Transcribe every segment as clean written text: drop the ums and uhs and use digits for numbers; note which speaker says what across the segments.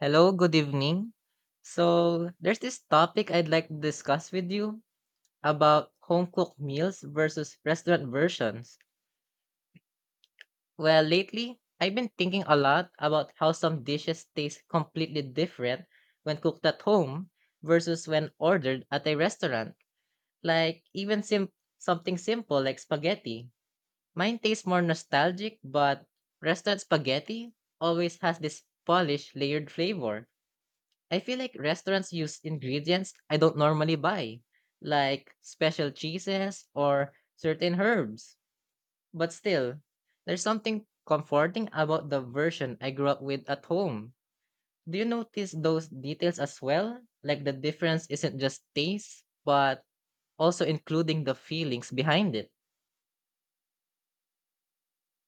Speaker 1: Hello, good evening. So, there's this topic I'd like to discuss with you about home cooked meals versus restaurant versions. Well, lately, I've been thinking a lot about how some dishes taste completely different when cooked at home versus when ordered at a restaurant. Like, even something simple like spaghetti. Mine tastes more nostalgic, but restaurant spaghetti always has this polished, layered flavor. I feel like restaurants use ingredients I don't normally buy, like special cheeses or certain herbs. But still, there's something comforting about the version I grew up with at home. Do you notice those details as well? Like the difference isn't just taste, but also including the feelings behind it.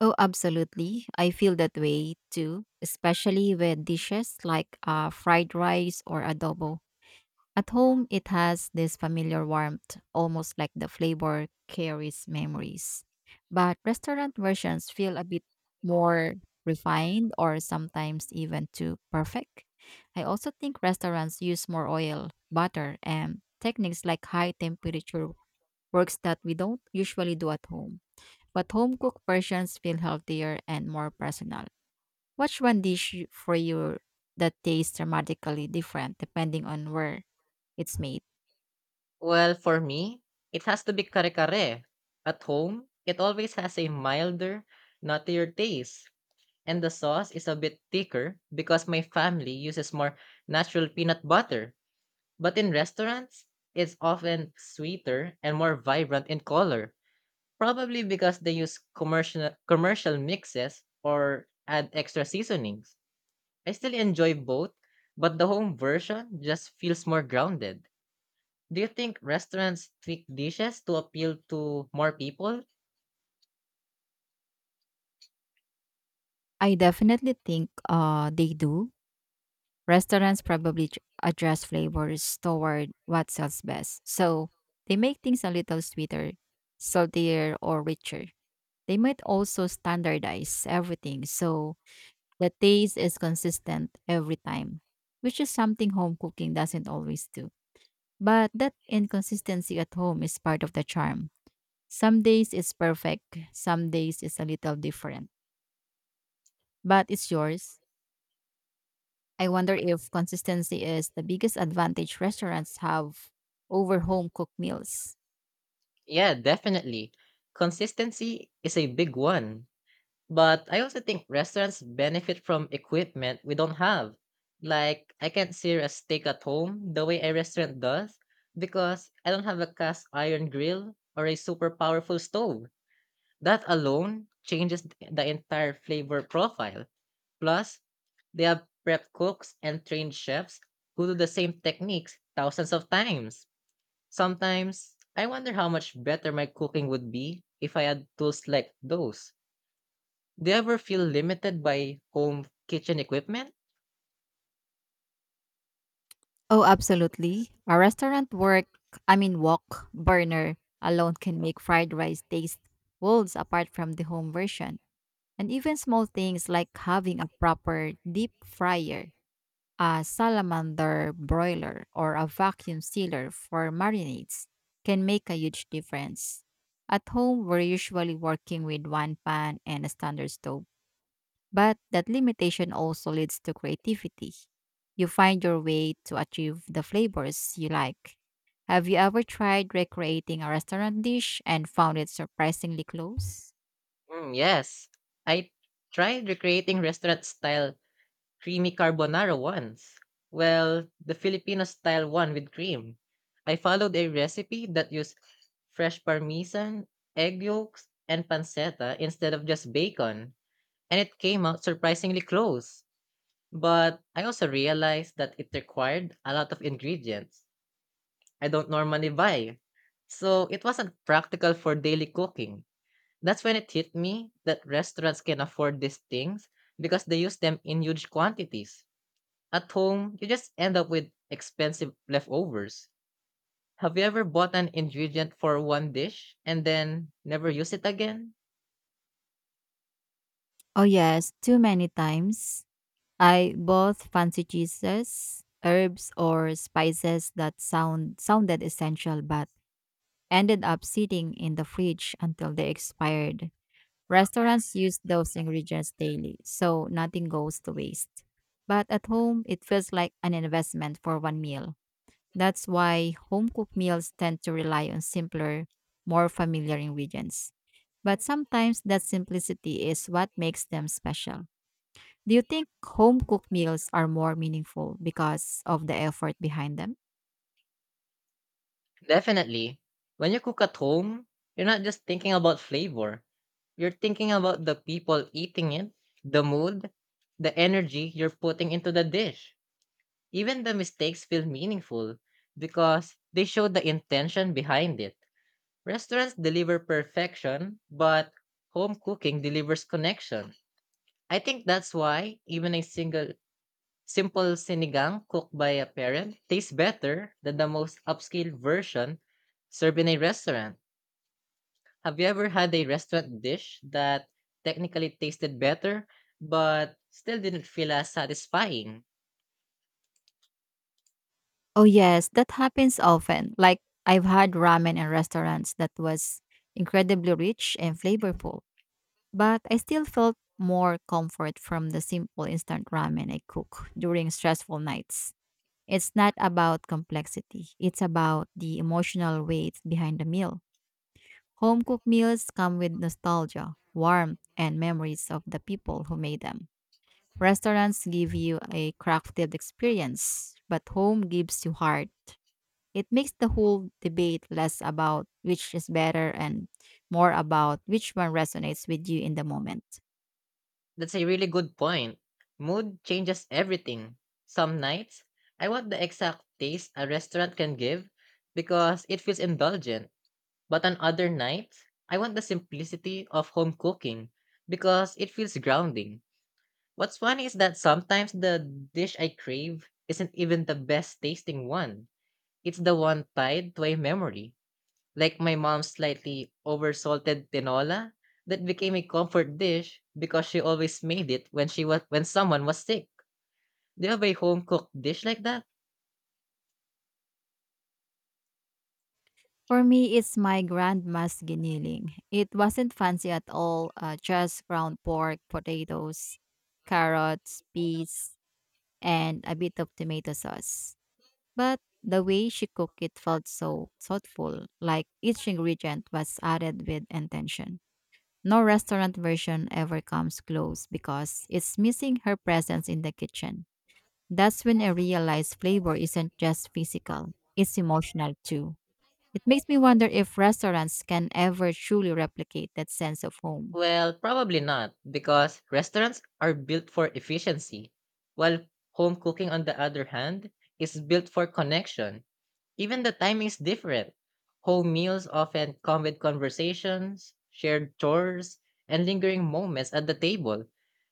Speaker 2: Oh, absolutely. I feel that way too, especially with dishes like fried rice or adobo. At home, it has this familiar warmth, almost like the flavor carries memories. But restaurant versions feel a bit more refined or sometimes even too perfect. I also think restaurants use more oil, butter, and techniques like high temperature works that we don't usually do at home, but home cooked versions feel healthier and more personal. What's one dish for you that tastes dramatically different depending on where it's made?
Speaker 1: Well, for me, it has to be kare kare. At home, it always has a milder, nuttier taste and the sauce is a bit thicker because my family uses more natural peanut butter. But in restaurants, it's often sweeter and more vibrant in color, probably because they use commercial mixes or add extra seasonings. I still enjoy both, but the home version just feels more grounded. Do you think restaurants tweak dishes to appeal to more people?
Speaker 2: I definitely think they do. Restaurants probably adjust flavors toward what sells best. So they make things a little sweeter, saltier, or richer. They might also standardize everything so the taste is consistent every time, which is something home cooking doesn't always do. But that inconsistency at home is part of the charm. Some days it's perfect, some days it's a little different. But it's yours. I wonder if consistency is the biggest advantage restaurants have over home cooked meals.
Speaker 1: Yeah, definitely. Consistency is a big one. But I also think restaurants benefit from equipment we don't have. Like, I can't sear a steak at home the way a restaurant does because I don't have a cast iron grill or a super powerful stove. That alone changes the entire flavor profile. Plus, they have prep cooks and trained chefs who do the same techniques thousands of times. Sometimes, I wonder how much better my cooking would be if I had tools like those. Do you ever feel limited by home kitchen equipment?
Speaker 2: Oh, absolutely. A restaurant work, I mean wok burner alone can make fried rice taste worlds apart from the home version. And even small things like having a proper deep fryer, a salamander broiler, or a vacuum sealer for marinades can make a huge difference. At home, we're usually working with one pan and a standard stove, but that limitation also leads to creativity. You find your way to achieve the flavors you like. Have you ever tried recreating a restaurant dish and found it surprisingly close?
Speaker 1: Mm, yes. I tried recreating restaurant style creamy carbonara once. Well, the Filipino style one with cream. I followed a recipe that used fresh parmesan, egg yolks, and pancetta instead of just bacon, and it came out surprisingly close. But I also realized that it required a lot of ingredients I don't normally buy. So it wasn't practical for daily cooking. That's when it hit me that restaurants can afford these things because they use them in huge quantities. At home, you just end up with expensive leftovers. Have you ever bought an ingredient for one dish and then never use it again?
Speaker 2: Oh, yes, too many times. I both fancy cheeses, herbs, or spices that sounded essential but ended up sitting in the fridge until they expired. Restaurants use those ingredients daily, so nothing goes to waste. But at home, it feels like an investment for one meal. That's why home cooked meals tend to rely on simpler, more familiar ingredients. But sometimes that simplicity is what makes them special. Do you think home cooked meals are more meaningful because of the effort behind them?
Speaker 1: Definitely. When you cook at home, you're not just thinking about flavor. You're thinking about the people eating it, the mood, the energy you're putting into the dish. Even the mistakes feel meaningful because they show the intention behind it. Restaurants deliver perfection, but home cooking delivers connection. I think that's why even a single simple sinigang cooked by a parent tastes better than the most upscale version served in a restaurant. Have you ever had a restaurant dish that technically tasted better but still didn't feel as satisfying?
Speaker 2: Oh yes, that happens often. Like, I've had ramen in restaurants that was incredibly rich and flavorful, but I still felt more comfort from the simple instant ramen I cook during stressful nights. It's not about complexity, it's about the emotional weight behind the meal. Home cooked meals come with nostalgia, warmth, and memories of the people who made them. Restaurants give you a crafted experience, but home gives you heart. It makes the whole debate less about which is better and more about which one resonates with you in the moment.
Speaker 1: That's a really good point. Mood changes everything. Some nights, I want the exact taste a restaurant can give because it feels indulgent. But on other nights, I want the simplicity of home cooking because it feels grounding. What's funny is that sometimes the dish I crave isn't even the best tasting one. It's the one tied to a memory, like my mom's slightly oversalted tinola that became a comfort dish because she always made it when someone was sick. Do you have a home cooked dish like that?
Speaker 2: For me, it's my grandma's giniling. It wasn't fancy at all, just ground pork, potatoes, carrots, peas, and a bit of tomato sauce. But the way she cooked it felt so thoughtful, like each ingredient was added with intention. No restaurant version ever comes close because it's missing her presence in the kitchen. That's when I realized flavor isn't just physical, it's emotional too. It makes me wonder if restaurants can ever truly replicate that sense of home.
Speaker 1: Well, probably not because restaurants are built for efficiency, while home cooking on the other hand is built for connection. Even the timing is different. Home meals often come with conversations, shared chores, and lingering moments at the table.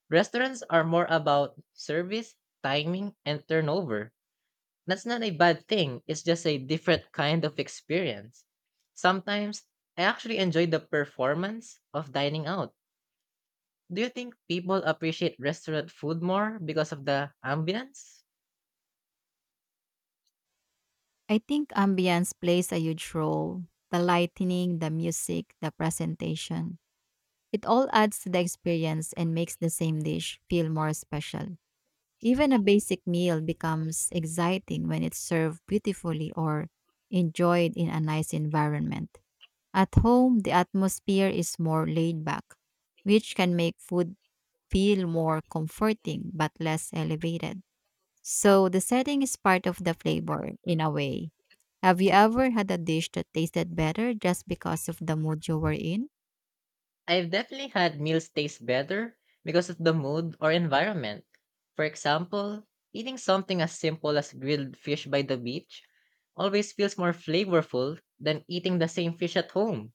Speaker 1: Restaurants are more about service, timing, and turnover. That's not a bad thing, it's just a different kind of experience. Sometimes I actually enjoy the performance of dining out. Do you think people appreciate restaurant food more because of the ambience?
Speaker 2: I think ambience plays a huge role: the lighting, the music, the presentation. It all adds to the experience and makes the same dish feel more special. Even a basic meal becomes exciting when it's served beautifully or enjoyed in a nice environment. At home, the atmosphere is more laid back, which can make food feel more comforting but less elevated. So the setting is part of the flavor in a way. Have you ever had a dish that tasted better just because of the mood you were in?
Speaker 1: I've definitely had meals taste better because of the mood or environment. For example, eating something as simple as grilled fish by the beach always feels more flavorful than eating the same fish at home.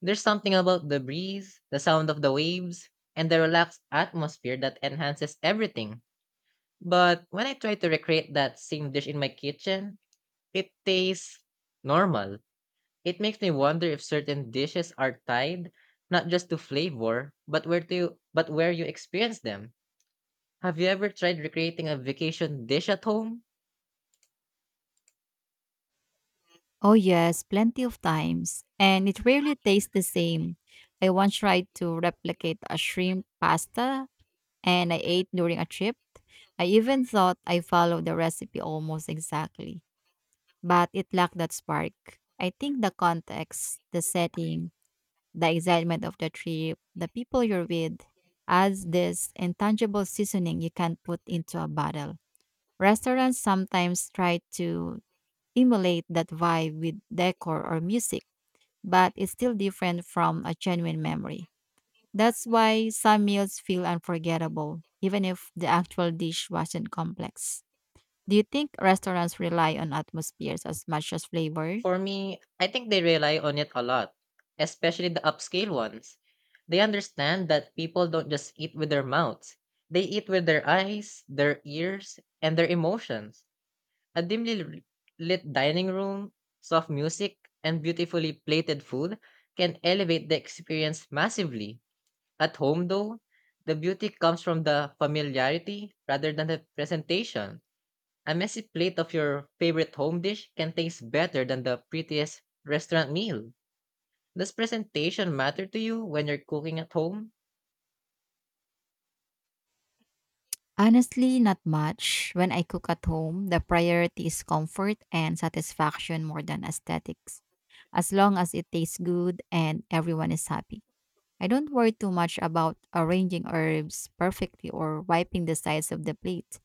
Speaker 1: There's something about the breeze, the sound of the waves, and the relaxed atmosphere that enhances everything. But when I try to recreate that same dish in my kitchen, it tastes normal. It makes me wonder if certain dishes are tied not just to flavor, but where to but where you experience them. Have you ever tried recreating a vacation dish at home?
Speaker 2: Oh, yes, plenty of times. And it rarely tastes the same. I once tried to replicate a shrimp pasta and I ate during a trip. I even thought I followed the recipe almost exactly, but it lacked that spark. I think the context, the setting, the excitement of the trip, the people you're with, adds this intangible seasoning you can't put into a bottle. Restaurants sometimes try to emulate that vibe with decor or music, but it's still different from a genuine memory. That's why some meals feel unforgettable, even if the actual dish wasn't complex. Do you think restaurants rely on atmospheres as much as flavor?
Speaker 1: For me, I think they rely on it a lot, especially the upscale ones. They understand that people don't just eat with their mouths. They eat with their eyes, their ears, and their emotions. A lit dining room, soft music, and beautifully plated food can elevate the experience massively. At home, though, the beauty comes from the familiarity rather than the presentation. A messy plate of your favorite home dish can taste better than the prettiest restaurant meal. Does presentation matter to you when you're cooking at home?
Speaker 2: Honestly, not much. When I cook at home, the priority is comfort and satisfaction more than aesthetics. As long as it tastes good and everyone is happy, I don't worry too much about arranging herbs perfectly or wiping the sides of the plate.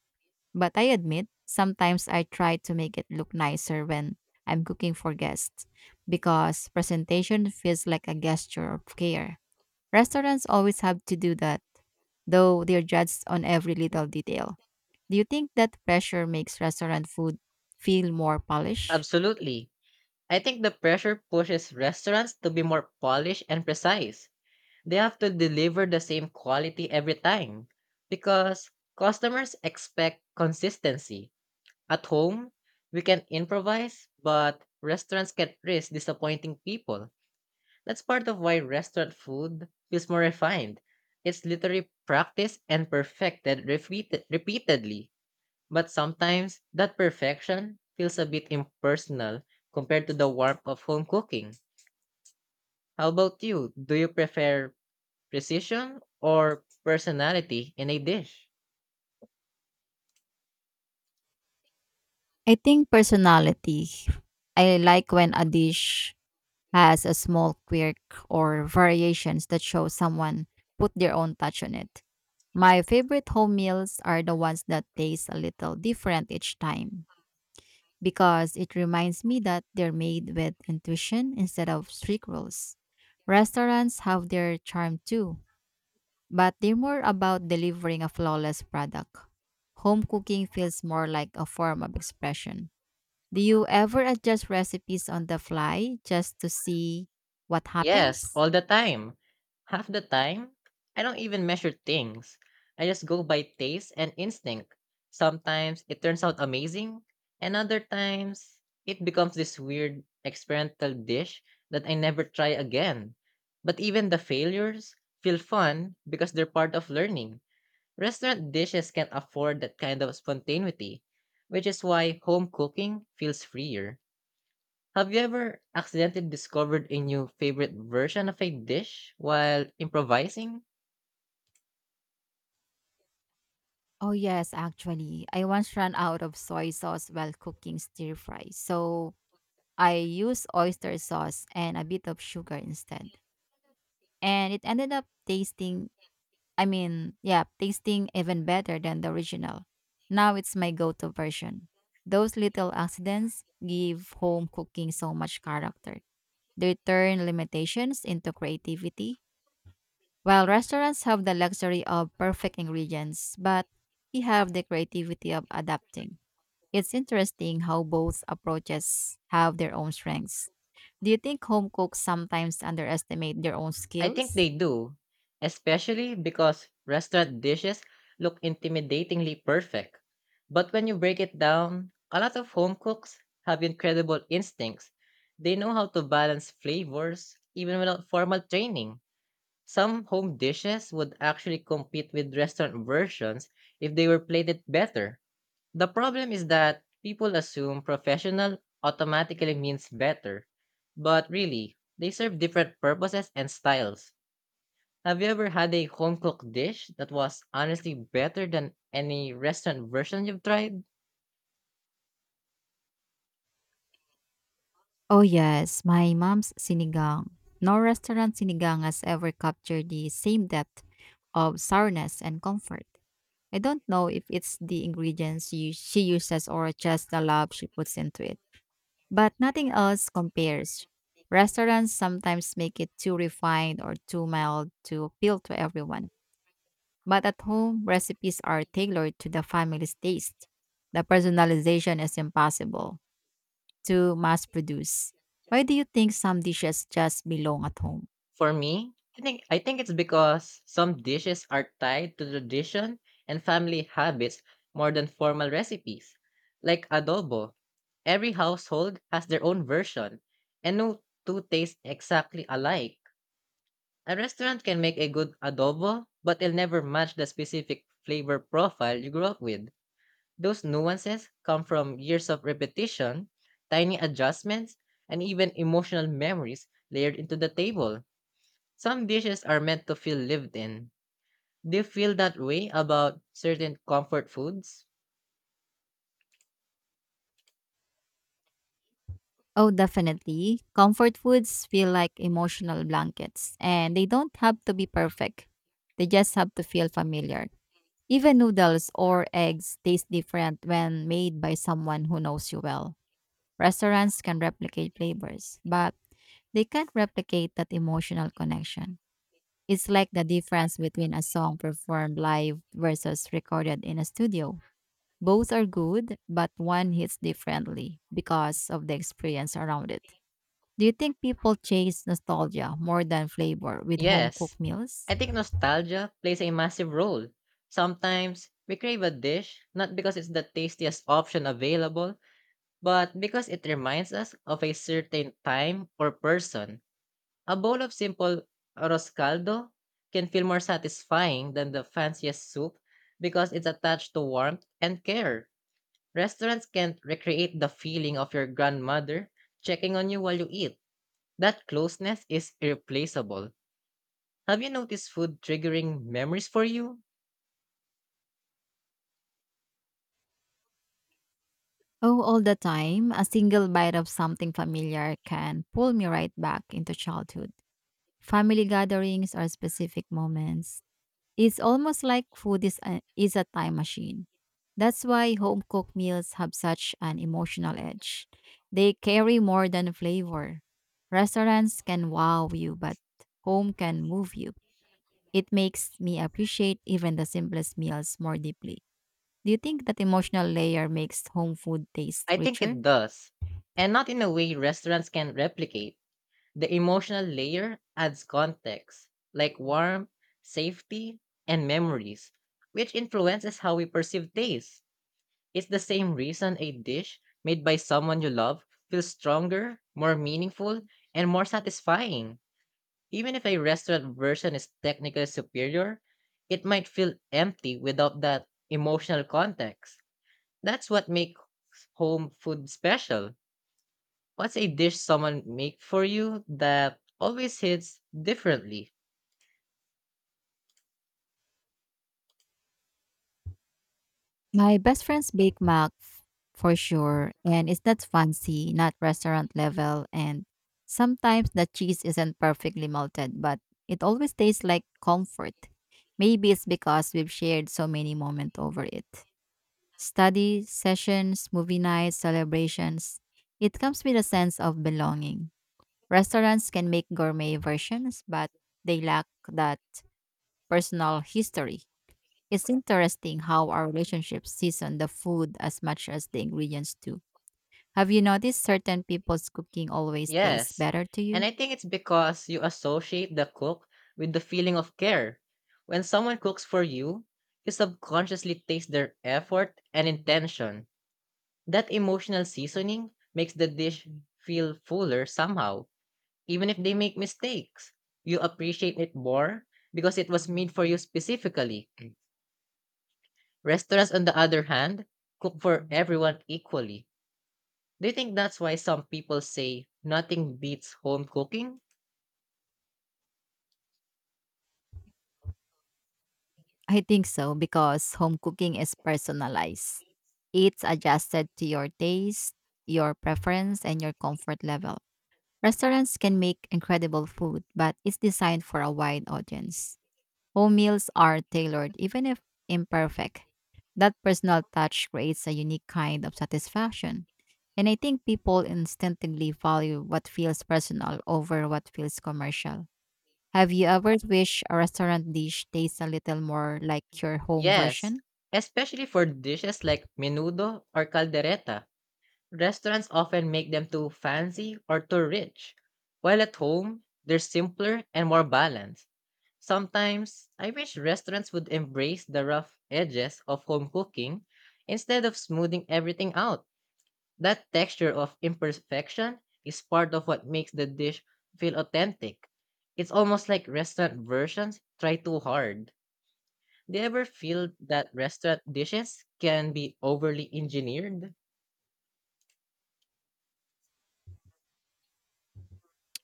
Speaker 2: But I admit, sometimes I try to make it look nicer when I'm cooking for guests because presentation feels like a gesture of care. Restaurants always have to do that, though; they're judged on every little detail. Do you think that pressure makes restaurant food feel more polished?
Speaker 1: Absolutely. I think the pressure pushes restaurants to be more polished and precise. They have to deliver the same quality every time because customers expect consistency. At home, we can improvise, but restaurants can risk disappointing people. That's part of why restaurant food feels more refined. It's literally practiced and perfected repeatedly. But sometimes that perfection feels a bit impersonal compared to the warmth of home cooking. How about you? Do you prefer precision or personality in a dish?
Speaker 2: I think personality. I like when a dish has a small quirk or variations that show someone put their own touch on it. My favorite home meals are the ones that taste a little different each time because it reminds me that they're made with intuition instead of strict rules. Restaurants have their charm too, but they're more about delivering a flawless product. Home cooking feels more like a form of expression. Do you ever adjust recipes on the fly just to see what
Speaker 1: Yes,
Speaker 2: happens?
Speaker 1: all the time. Half the time, I don't even measure things. I just go by taste and instinct. Sometimes it turns out amazing, and other times it becomes this weird experimental dish that I never try again. But even the failures feel fun because they're part of learning. Restaurant dishes can't afford that kind of spontaneity, which is why home cooking feels freer. Have you ever accidentally discovered a new favorite version of a dish while improvising?
Speaker 2: Oh, yes, actually. I once ran out of soy sauce while cooking stir fry. So I used oyster sauce and a bit of sugar instead. And it ended up tasting I mean, yeah, tasting even better than the original. Now it's my go to version. Those little accidents give home cooking so much character. They turn limitations into creativity. While restaurants have the luxury of perfect ingredients, but we have the creativity of adapting. It's interesting how both approaches have their own strengths. Do you think home cooks sometimes underestimate their own
Speaker 1: I think
Speaker 2: skills?
Speaker 1: they do, especially because restaurant dishes look intimidatingly perfect. But when you break it down, a lot of home cooks have incredible instincts. They know how to balance flavors even without formal training. Some home dishes would actually compete with restaurant versions if they were plated better. The problem is that people assume professional automatically means better, but really, they serve different purposes and styles. Have you ever had a home cooked dish that was honestly better than any restaurant version you've tried?
Speaker 2: Oh yes, my mom's sinigang. No restaurant sinigang has ever captured the same depth of sourness and comfort. I don't know if it's the ingredients she uses or just the love she puts into it, but nothing else compares. Restaurants sometimes make it too refined or too mild to appeal to everyone, but at home, recipes are tailored to the family's taste. The personalization is impossible to mass produce. Why do you think some dishes just belong at home?
Speaker 1: For me, I think it's because some dishes are tied to tradition and family habits more than formal recipes. Like adobo, every household has their own version, and no two taste exactly alike. A restaurant can make a good adobo, but it'll never match the specific flavor profile you grew up with. Those nuances come from years of repetition, tiny adjustments, and even emotional memories layered into the table. Some dishes are meant to feel lived in. Do you feel that way about certain comfort foods?
Speaker 2: Oh, definitely. Comfort foods feel like emotional blankets, and they don't have to be perfect. They just have to feel familiar. Even noodles or eggs taste different when made by someone who knows you well. Restaurants can replicate flavors, but they can't replicate that emotional connection. It's like the difference between a song performed live versus recorded in a studio. Both are good, but one hits differently because of the experience around it. Do you think people chase nostalgia more than flavor with home
Speaker 1: Yes,
Speaker 2: cooked meals?
Speaker 1: I think nostalgia plays a massive role. Sometimes we crave a dish not because it's the tastiest option available, but because it reminds us of a certain time or person. A bowl of simple arroz caldo can feel more satisfying than the fanciest soup because it's attached to warmth and care. Restaurants can't recreate the feeling of your grandmother checking on you while you eat. That closeness is irreplaceable. Have you noticed food triggering memories for you?
Speaker 2: Oh, all the time. A single bite of something familiar can pull me right back into childhood, family gatherings, are specific moments. It's almost like food is a time machine. That's why home cooked meals have such an emotional edge. They carry more than flavor. Restaurants can wow you, but home can move you. It makes me appreciate even the simplest meals more deeply. Do you think that emotional layer makes home food taste
Speaker 1: I think
Speaker 2: richer?
Speaker 1: it does, and not in a way restaurants can replicate. The emotional layer adds context, like warmth, safety, and memories, which influences how we perceive taste. It's the same reason a dish made by someone you love feels stronger, more meaningful, and more satisfying. Even if a restaurant version is technically superior, it might feel empty without that emotional context. That's what makes home food special. What's a dish someone make for you that always hits differently?
Speaker 2: My best friend's Bake Mac for sure, and it's not fancy, not restaurant level, and sometimes the cheese isn't perfectly melted, but it always tastes like comfort. Maybe it's because we've shared so many moments over it. Study sessions, movie nights, celebrations. It comes with a sense of belonging. Restaurants can make gourmet versions, but they lack that personal history. It's interesting how our relationships season the food as much as the ingredients do. Have you noticed certain people's cooking always tastes
Speaker 1: Yes.
Speaker 2: better to
Speaker 1: And
Speaker 2: you?
Speaker 1: I think it's because you associate the cook with the feeling of care. When someone cooks for you, you subconsciously taste their effort and intention. That emotional seasoning makes the dish feel fuller somehow. Even if they make mistakes, you appreciate it more because it was made for you specifically. Restaurants, on the other hand, cook for everyone equally. Do you think that's why some people say nothing beats home cooking?
Speaker 2: I think so, because home cooking is personalized. It's adjusted to your taste, your preference, and your comfort level. Restaurants can make incredible food, but it's designed for a wide audience. Home meals are tailored, even if imperfect. That personal touch creates a unique kind of satisfaction. And I think people instinctively value what feels personal over what feels commercial. Have you ever wished a restaurant dish tastes a little more like your home
Speaker 1: Yes,
Speaker 2: version?
Speaker 1: especially for dishes like menudo or caldereta. Restaurants often make them too fancy or too rich, while at home, they're simpler and more balanced. Sometimes, I wish restaurants would embrace the rough edges of home cooking instead of smoothing everything out. That texture of imperfection is part of what makes the dish feel authentic. It's almost like restaurant versions try too hard. Do you ever feel that restaurant dishes can be overly engineered?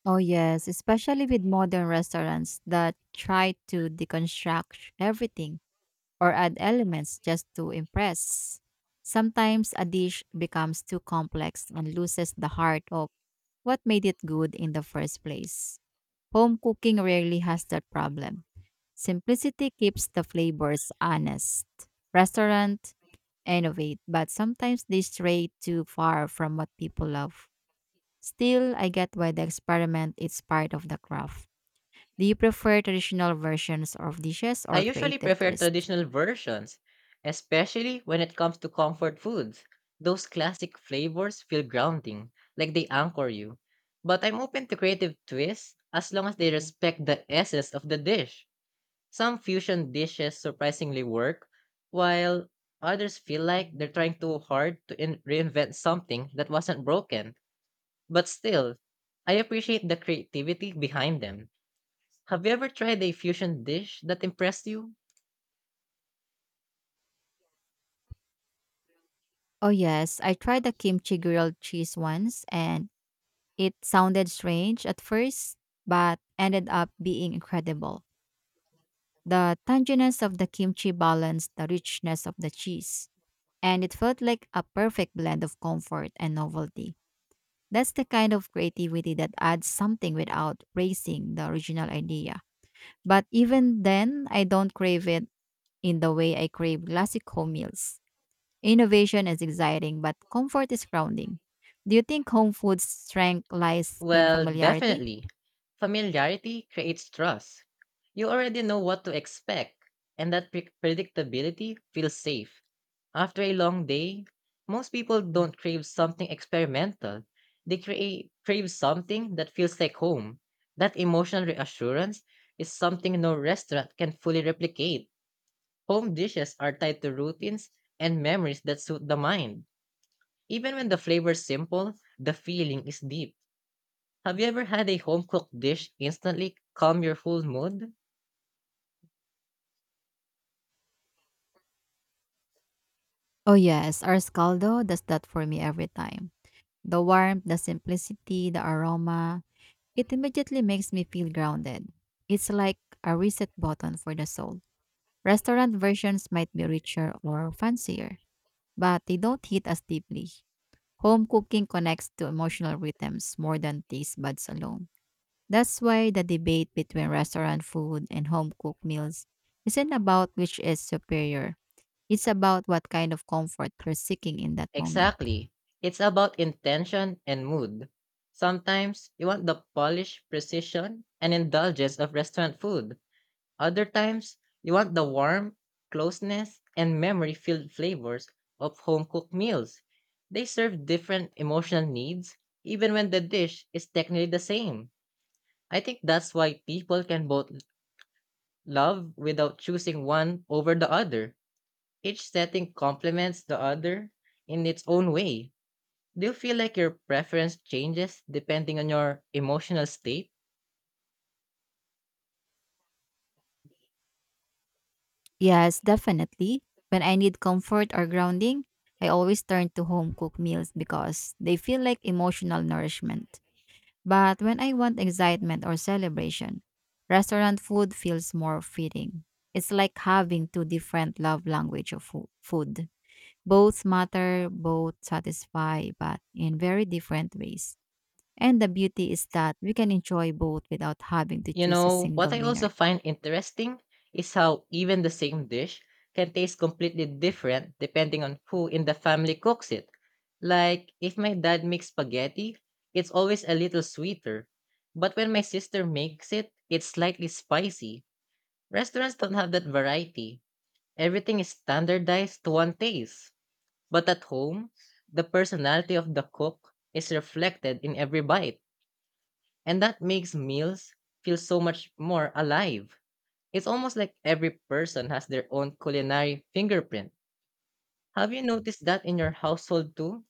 Speaker 2: Oh, yes, especially with modern restaurants that try to deconstruct everything or add elements just to impress. Sometimes a dish becomes too complex and loses the heart of what made it good in the first place. Home cooking rarely has that problem. Simplicity keeps the flavors honest. Restaurant innovate, but sometimes they stray too far from what people love. Still, I get why the experiment is part of the craft. Do you prefer traditional versions of dishes
Speaker 1: I
Speaker 2: or
Speaker 1: usually
Speaker 2: creative
Speaker 1: prefer
Speaker 2: twists?
Speaker 1: traditional versions, especially when it comes to comfort foods. Those classic flavors feel grounding, like they anchor you. But I'm open to creative twists as long as they respect the essence of the dish. Some fusion dishes surprisingly work, while others feel like they're trying too hard to reinvent something that wasn't broken. But still, I appreciate the creativity behind them. Have you ever tried a fusion dish that impressed you?
Speaker 2: Oh yes, I tried the kimchi grilled cheese once and it sounded strange at first, but ended up being incredible. The tanginess of the kimchi balanced the richness of the cheese, and it felt like a perfect blend of comfort and novelty. That's the kind of creativity that adds something without raising the original idea. But even then, I don't crave it in the way I crave classic home meals. Innovation is exciting, but comfort is grounding. Do you think home food's strength lies in
Speaker 1: Well,
Speaker 2: familiarity?
Speaker 1: definitely. Familiarity creates trust. You already know what to expect, and that predictability feels safe. After a long day, most people don't crave something experimental. They crave something that feels like home. That emotional reassurance is something no restaurant can fully replicate. Home dishes are tied to routines and memories that suit the mind. Even when the flavor is simple, the feeling is deep. Have you ever had a home cooked dish instantly calm your full mood?
Speaker 2: Oh, yes. Our scaldo does that for me every time. The warmth, the simplicity, the aroma. It immediately makes me feel grounded. It's like a reset button for the soul. Restaurant versions might be richer or fancier, but they don't hit as deeply. Home cooking connects to emotional rhythms more than taste buds alone. That's why the debate between restaurant food and home cooked meals isn't about which is superior. It's about what kind of comfort you're seeking in that moment.
Speaker 1: Exactly. It's about intention and mood. Sometimes you want the polish, precision, and indulgence of restaurant food. Other times, you want the warmth, closeness, and memory filled flavors of home cooked meals. They serve different emotional needs, even when the dish is technically the same. I think that's why people can both love without choosing one over the other. Each setting complements the other in its own way. Do you feel like your preference changes depending on your emotional state?
Speaker 2: Yes, definitely. When I need comfort or grounding, I always turn to home cooked meals because they feel like emotional nourishment. But when I want excitement or celebration, restaurant food feels more fitting. It's like having two different love language of food. Both matter, both satisfy, but in very different ways. And the beauty is that we can enjoy both without having to
Speaker 1: You
Speaker 2: choose a
Speaker 1: know, what
Speaker 2: single
Speaker 1: I also
Speaker 2: winner.
Speaker 1: find interesting is how even the same dish can taste completely different depending on who in the family cooks it. Like, if my dad makes spaghetti, it's always a little sweeter. But when my sister makes it, it's slightly spicy. Restaurants don't have that variety. Everything is standardized to one taste. But at home, the personality of the cook is reflected in every bite, and that makes meals feel so much more alive. It's almost like every person has their own culinary fingerprint. Have you noticed that in your household too?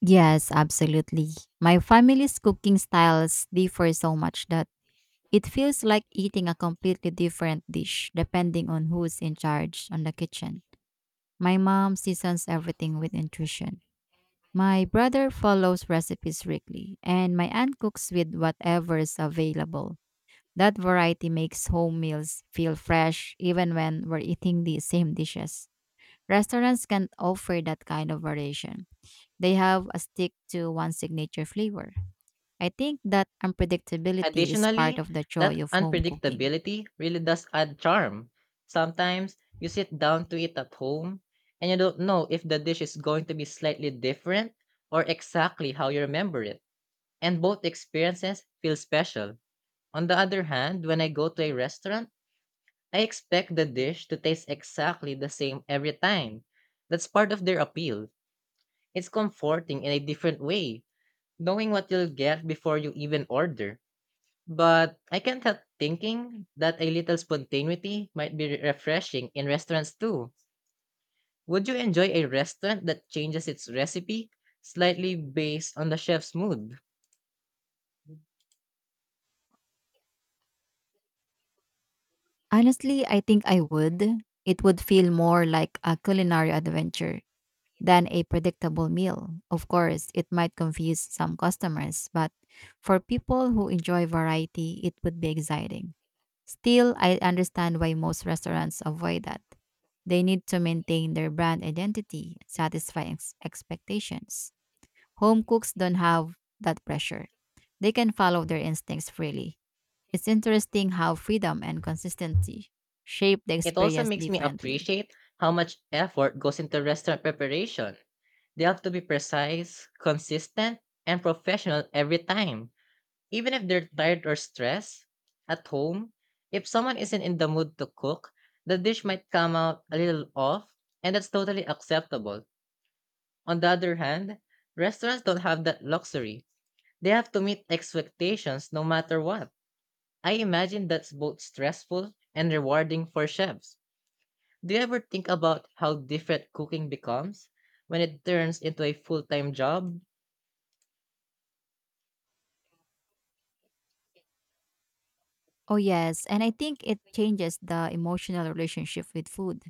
Speaker 2: Yes, absolutely. My family's cooking styles differ so much that it feels like eating a completely different dish depending on who's in charge on the kitchen. My mom seasons everything with intuition. My brother follows recipes strictly, and my aunt cooks with whatever's available. That variety makes home meals feel fresh even when we're eating the same dishes. Restaurants can't offer that kind of variation. They have a stick to one signature flavor. I think that unpredictability is part
Speaker 1: Additionally,
Speaker 2: of the
Speaker 1: that
Speaker 2: joy of home cooking.
Speaker 1: unpredictability really does add charm. Sometimes you sit down to eat at home and you don't know if the dish is going to be slightly different or exactly how you remember it. And both experiences feel special. On the other hand, when I go to a restaurant, I expect the dish to taste exactly the same every time. That's part of their appeal. It's comforting in a different way, knowing what you'll get before you even order. But I can't help thinking that a little spontaneity might be refreshing in restaurants too. Would you enjoy a restaurant that changes its recipe slightly based on the chef's mood?
Speaker 2: Honestly, I think I would. It would feel more like a culinary adventure than a predictable meal. Of course, it might confuse some customers, but for people who enjoy variety, it would be exciting. Still, I understand why most restaurants avoid that. They need to maintain their brand identity, and satisfy expectations. Home cooks don't have that pressure. They can follow their instincts freely. It's interesting how freedom and consistency shape the
Speaker 1: It also
Speaker 2: experience
Speaker 1: makes me
Speaker 2: differently.
Speaker 1: appreciate how much effort goes into restaurant preparation. They have to be precise, consistent, and professional every time. Even if they're tired or stressed, at home, if someone isn't in the mood to cook, the dish might come out a little off, and that's totally acceptable. On the other hand, restaurants don't have that luxury. They have to meet expectations no matter what. I imagine that's both stressful and rewarding for chefs. Do you ever think about how different cooking becomes when it turns into a full time job?
Speaker 2: Oh, yes, and I think it changes the emotional relationship with food.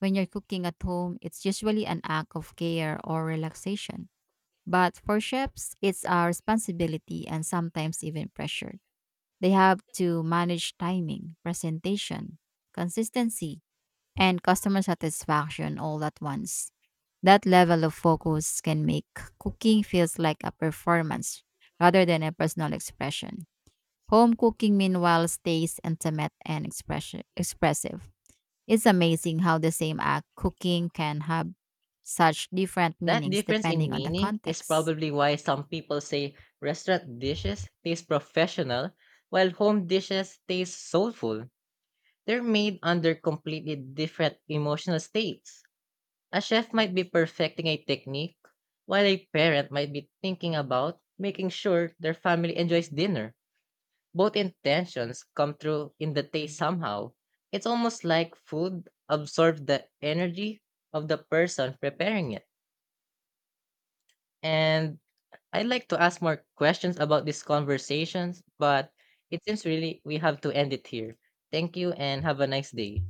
Speaker 2: When you're cooking at home, it's usually an act of care or relaxation. But for chefs, it's a responsibility and sometimes even pressure. They have to manage timing, presentation, consistency, and customer satisfaction all at once. That level of focus can make cooking feels like a performance rather than a personal expression. Home cooking meanwhile stays intimate and expression expressive. It's amazing how the same act cooking can have such different
Speaker 1: That
Speaker 2: meanings
Speaker 1: difference in
Speaker 2: depending on the
Speaker 1: meaning is
Speaker 2: context.
Speaker 1: probably why some people say restaurant dishes taste professional while home dishes taste soulful. They're made under completely different emotional states. A chef might be perfecting a technique, while a parent might be thinking about making sure their family enjoys dinner. Both intentions come through in the taste somehow. It's almost like food absorbs the energy of the person preparing it. And I'd like to ask more questions about these conversations, but it seems really we have to end it here. Thank you and have a nice day.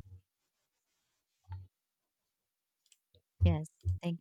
Speaker 2: Yes. Thank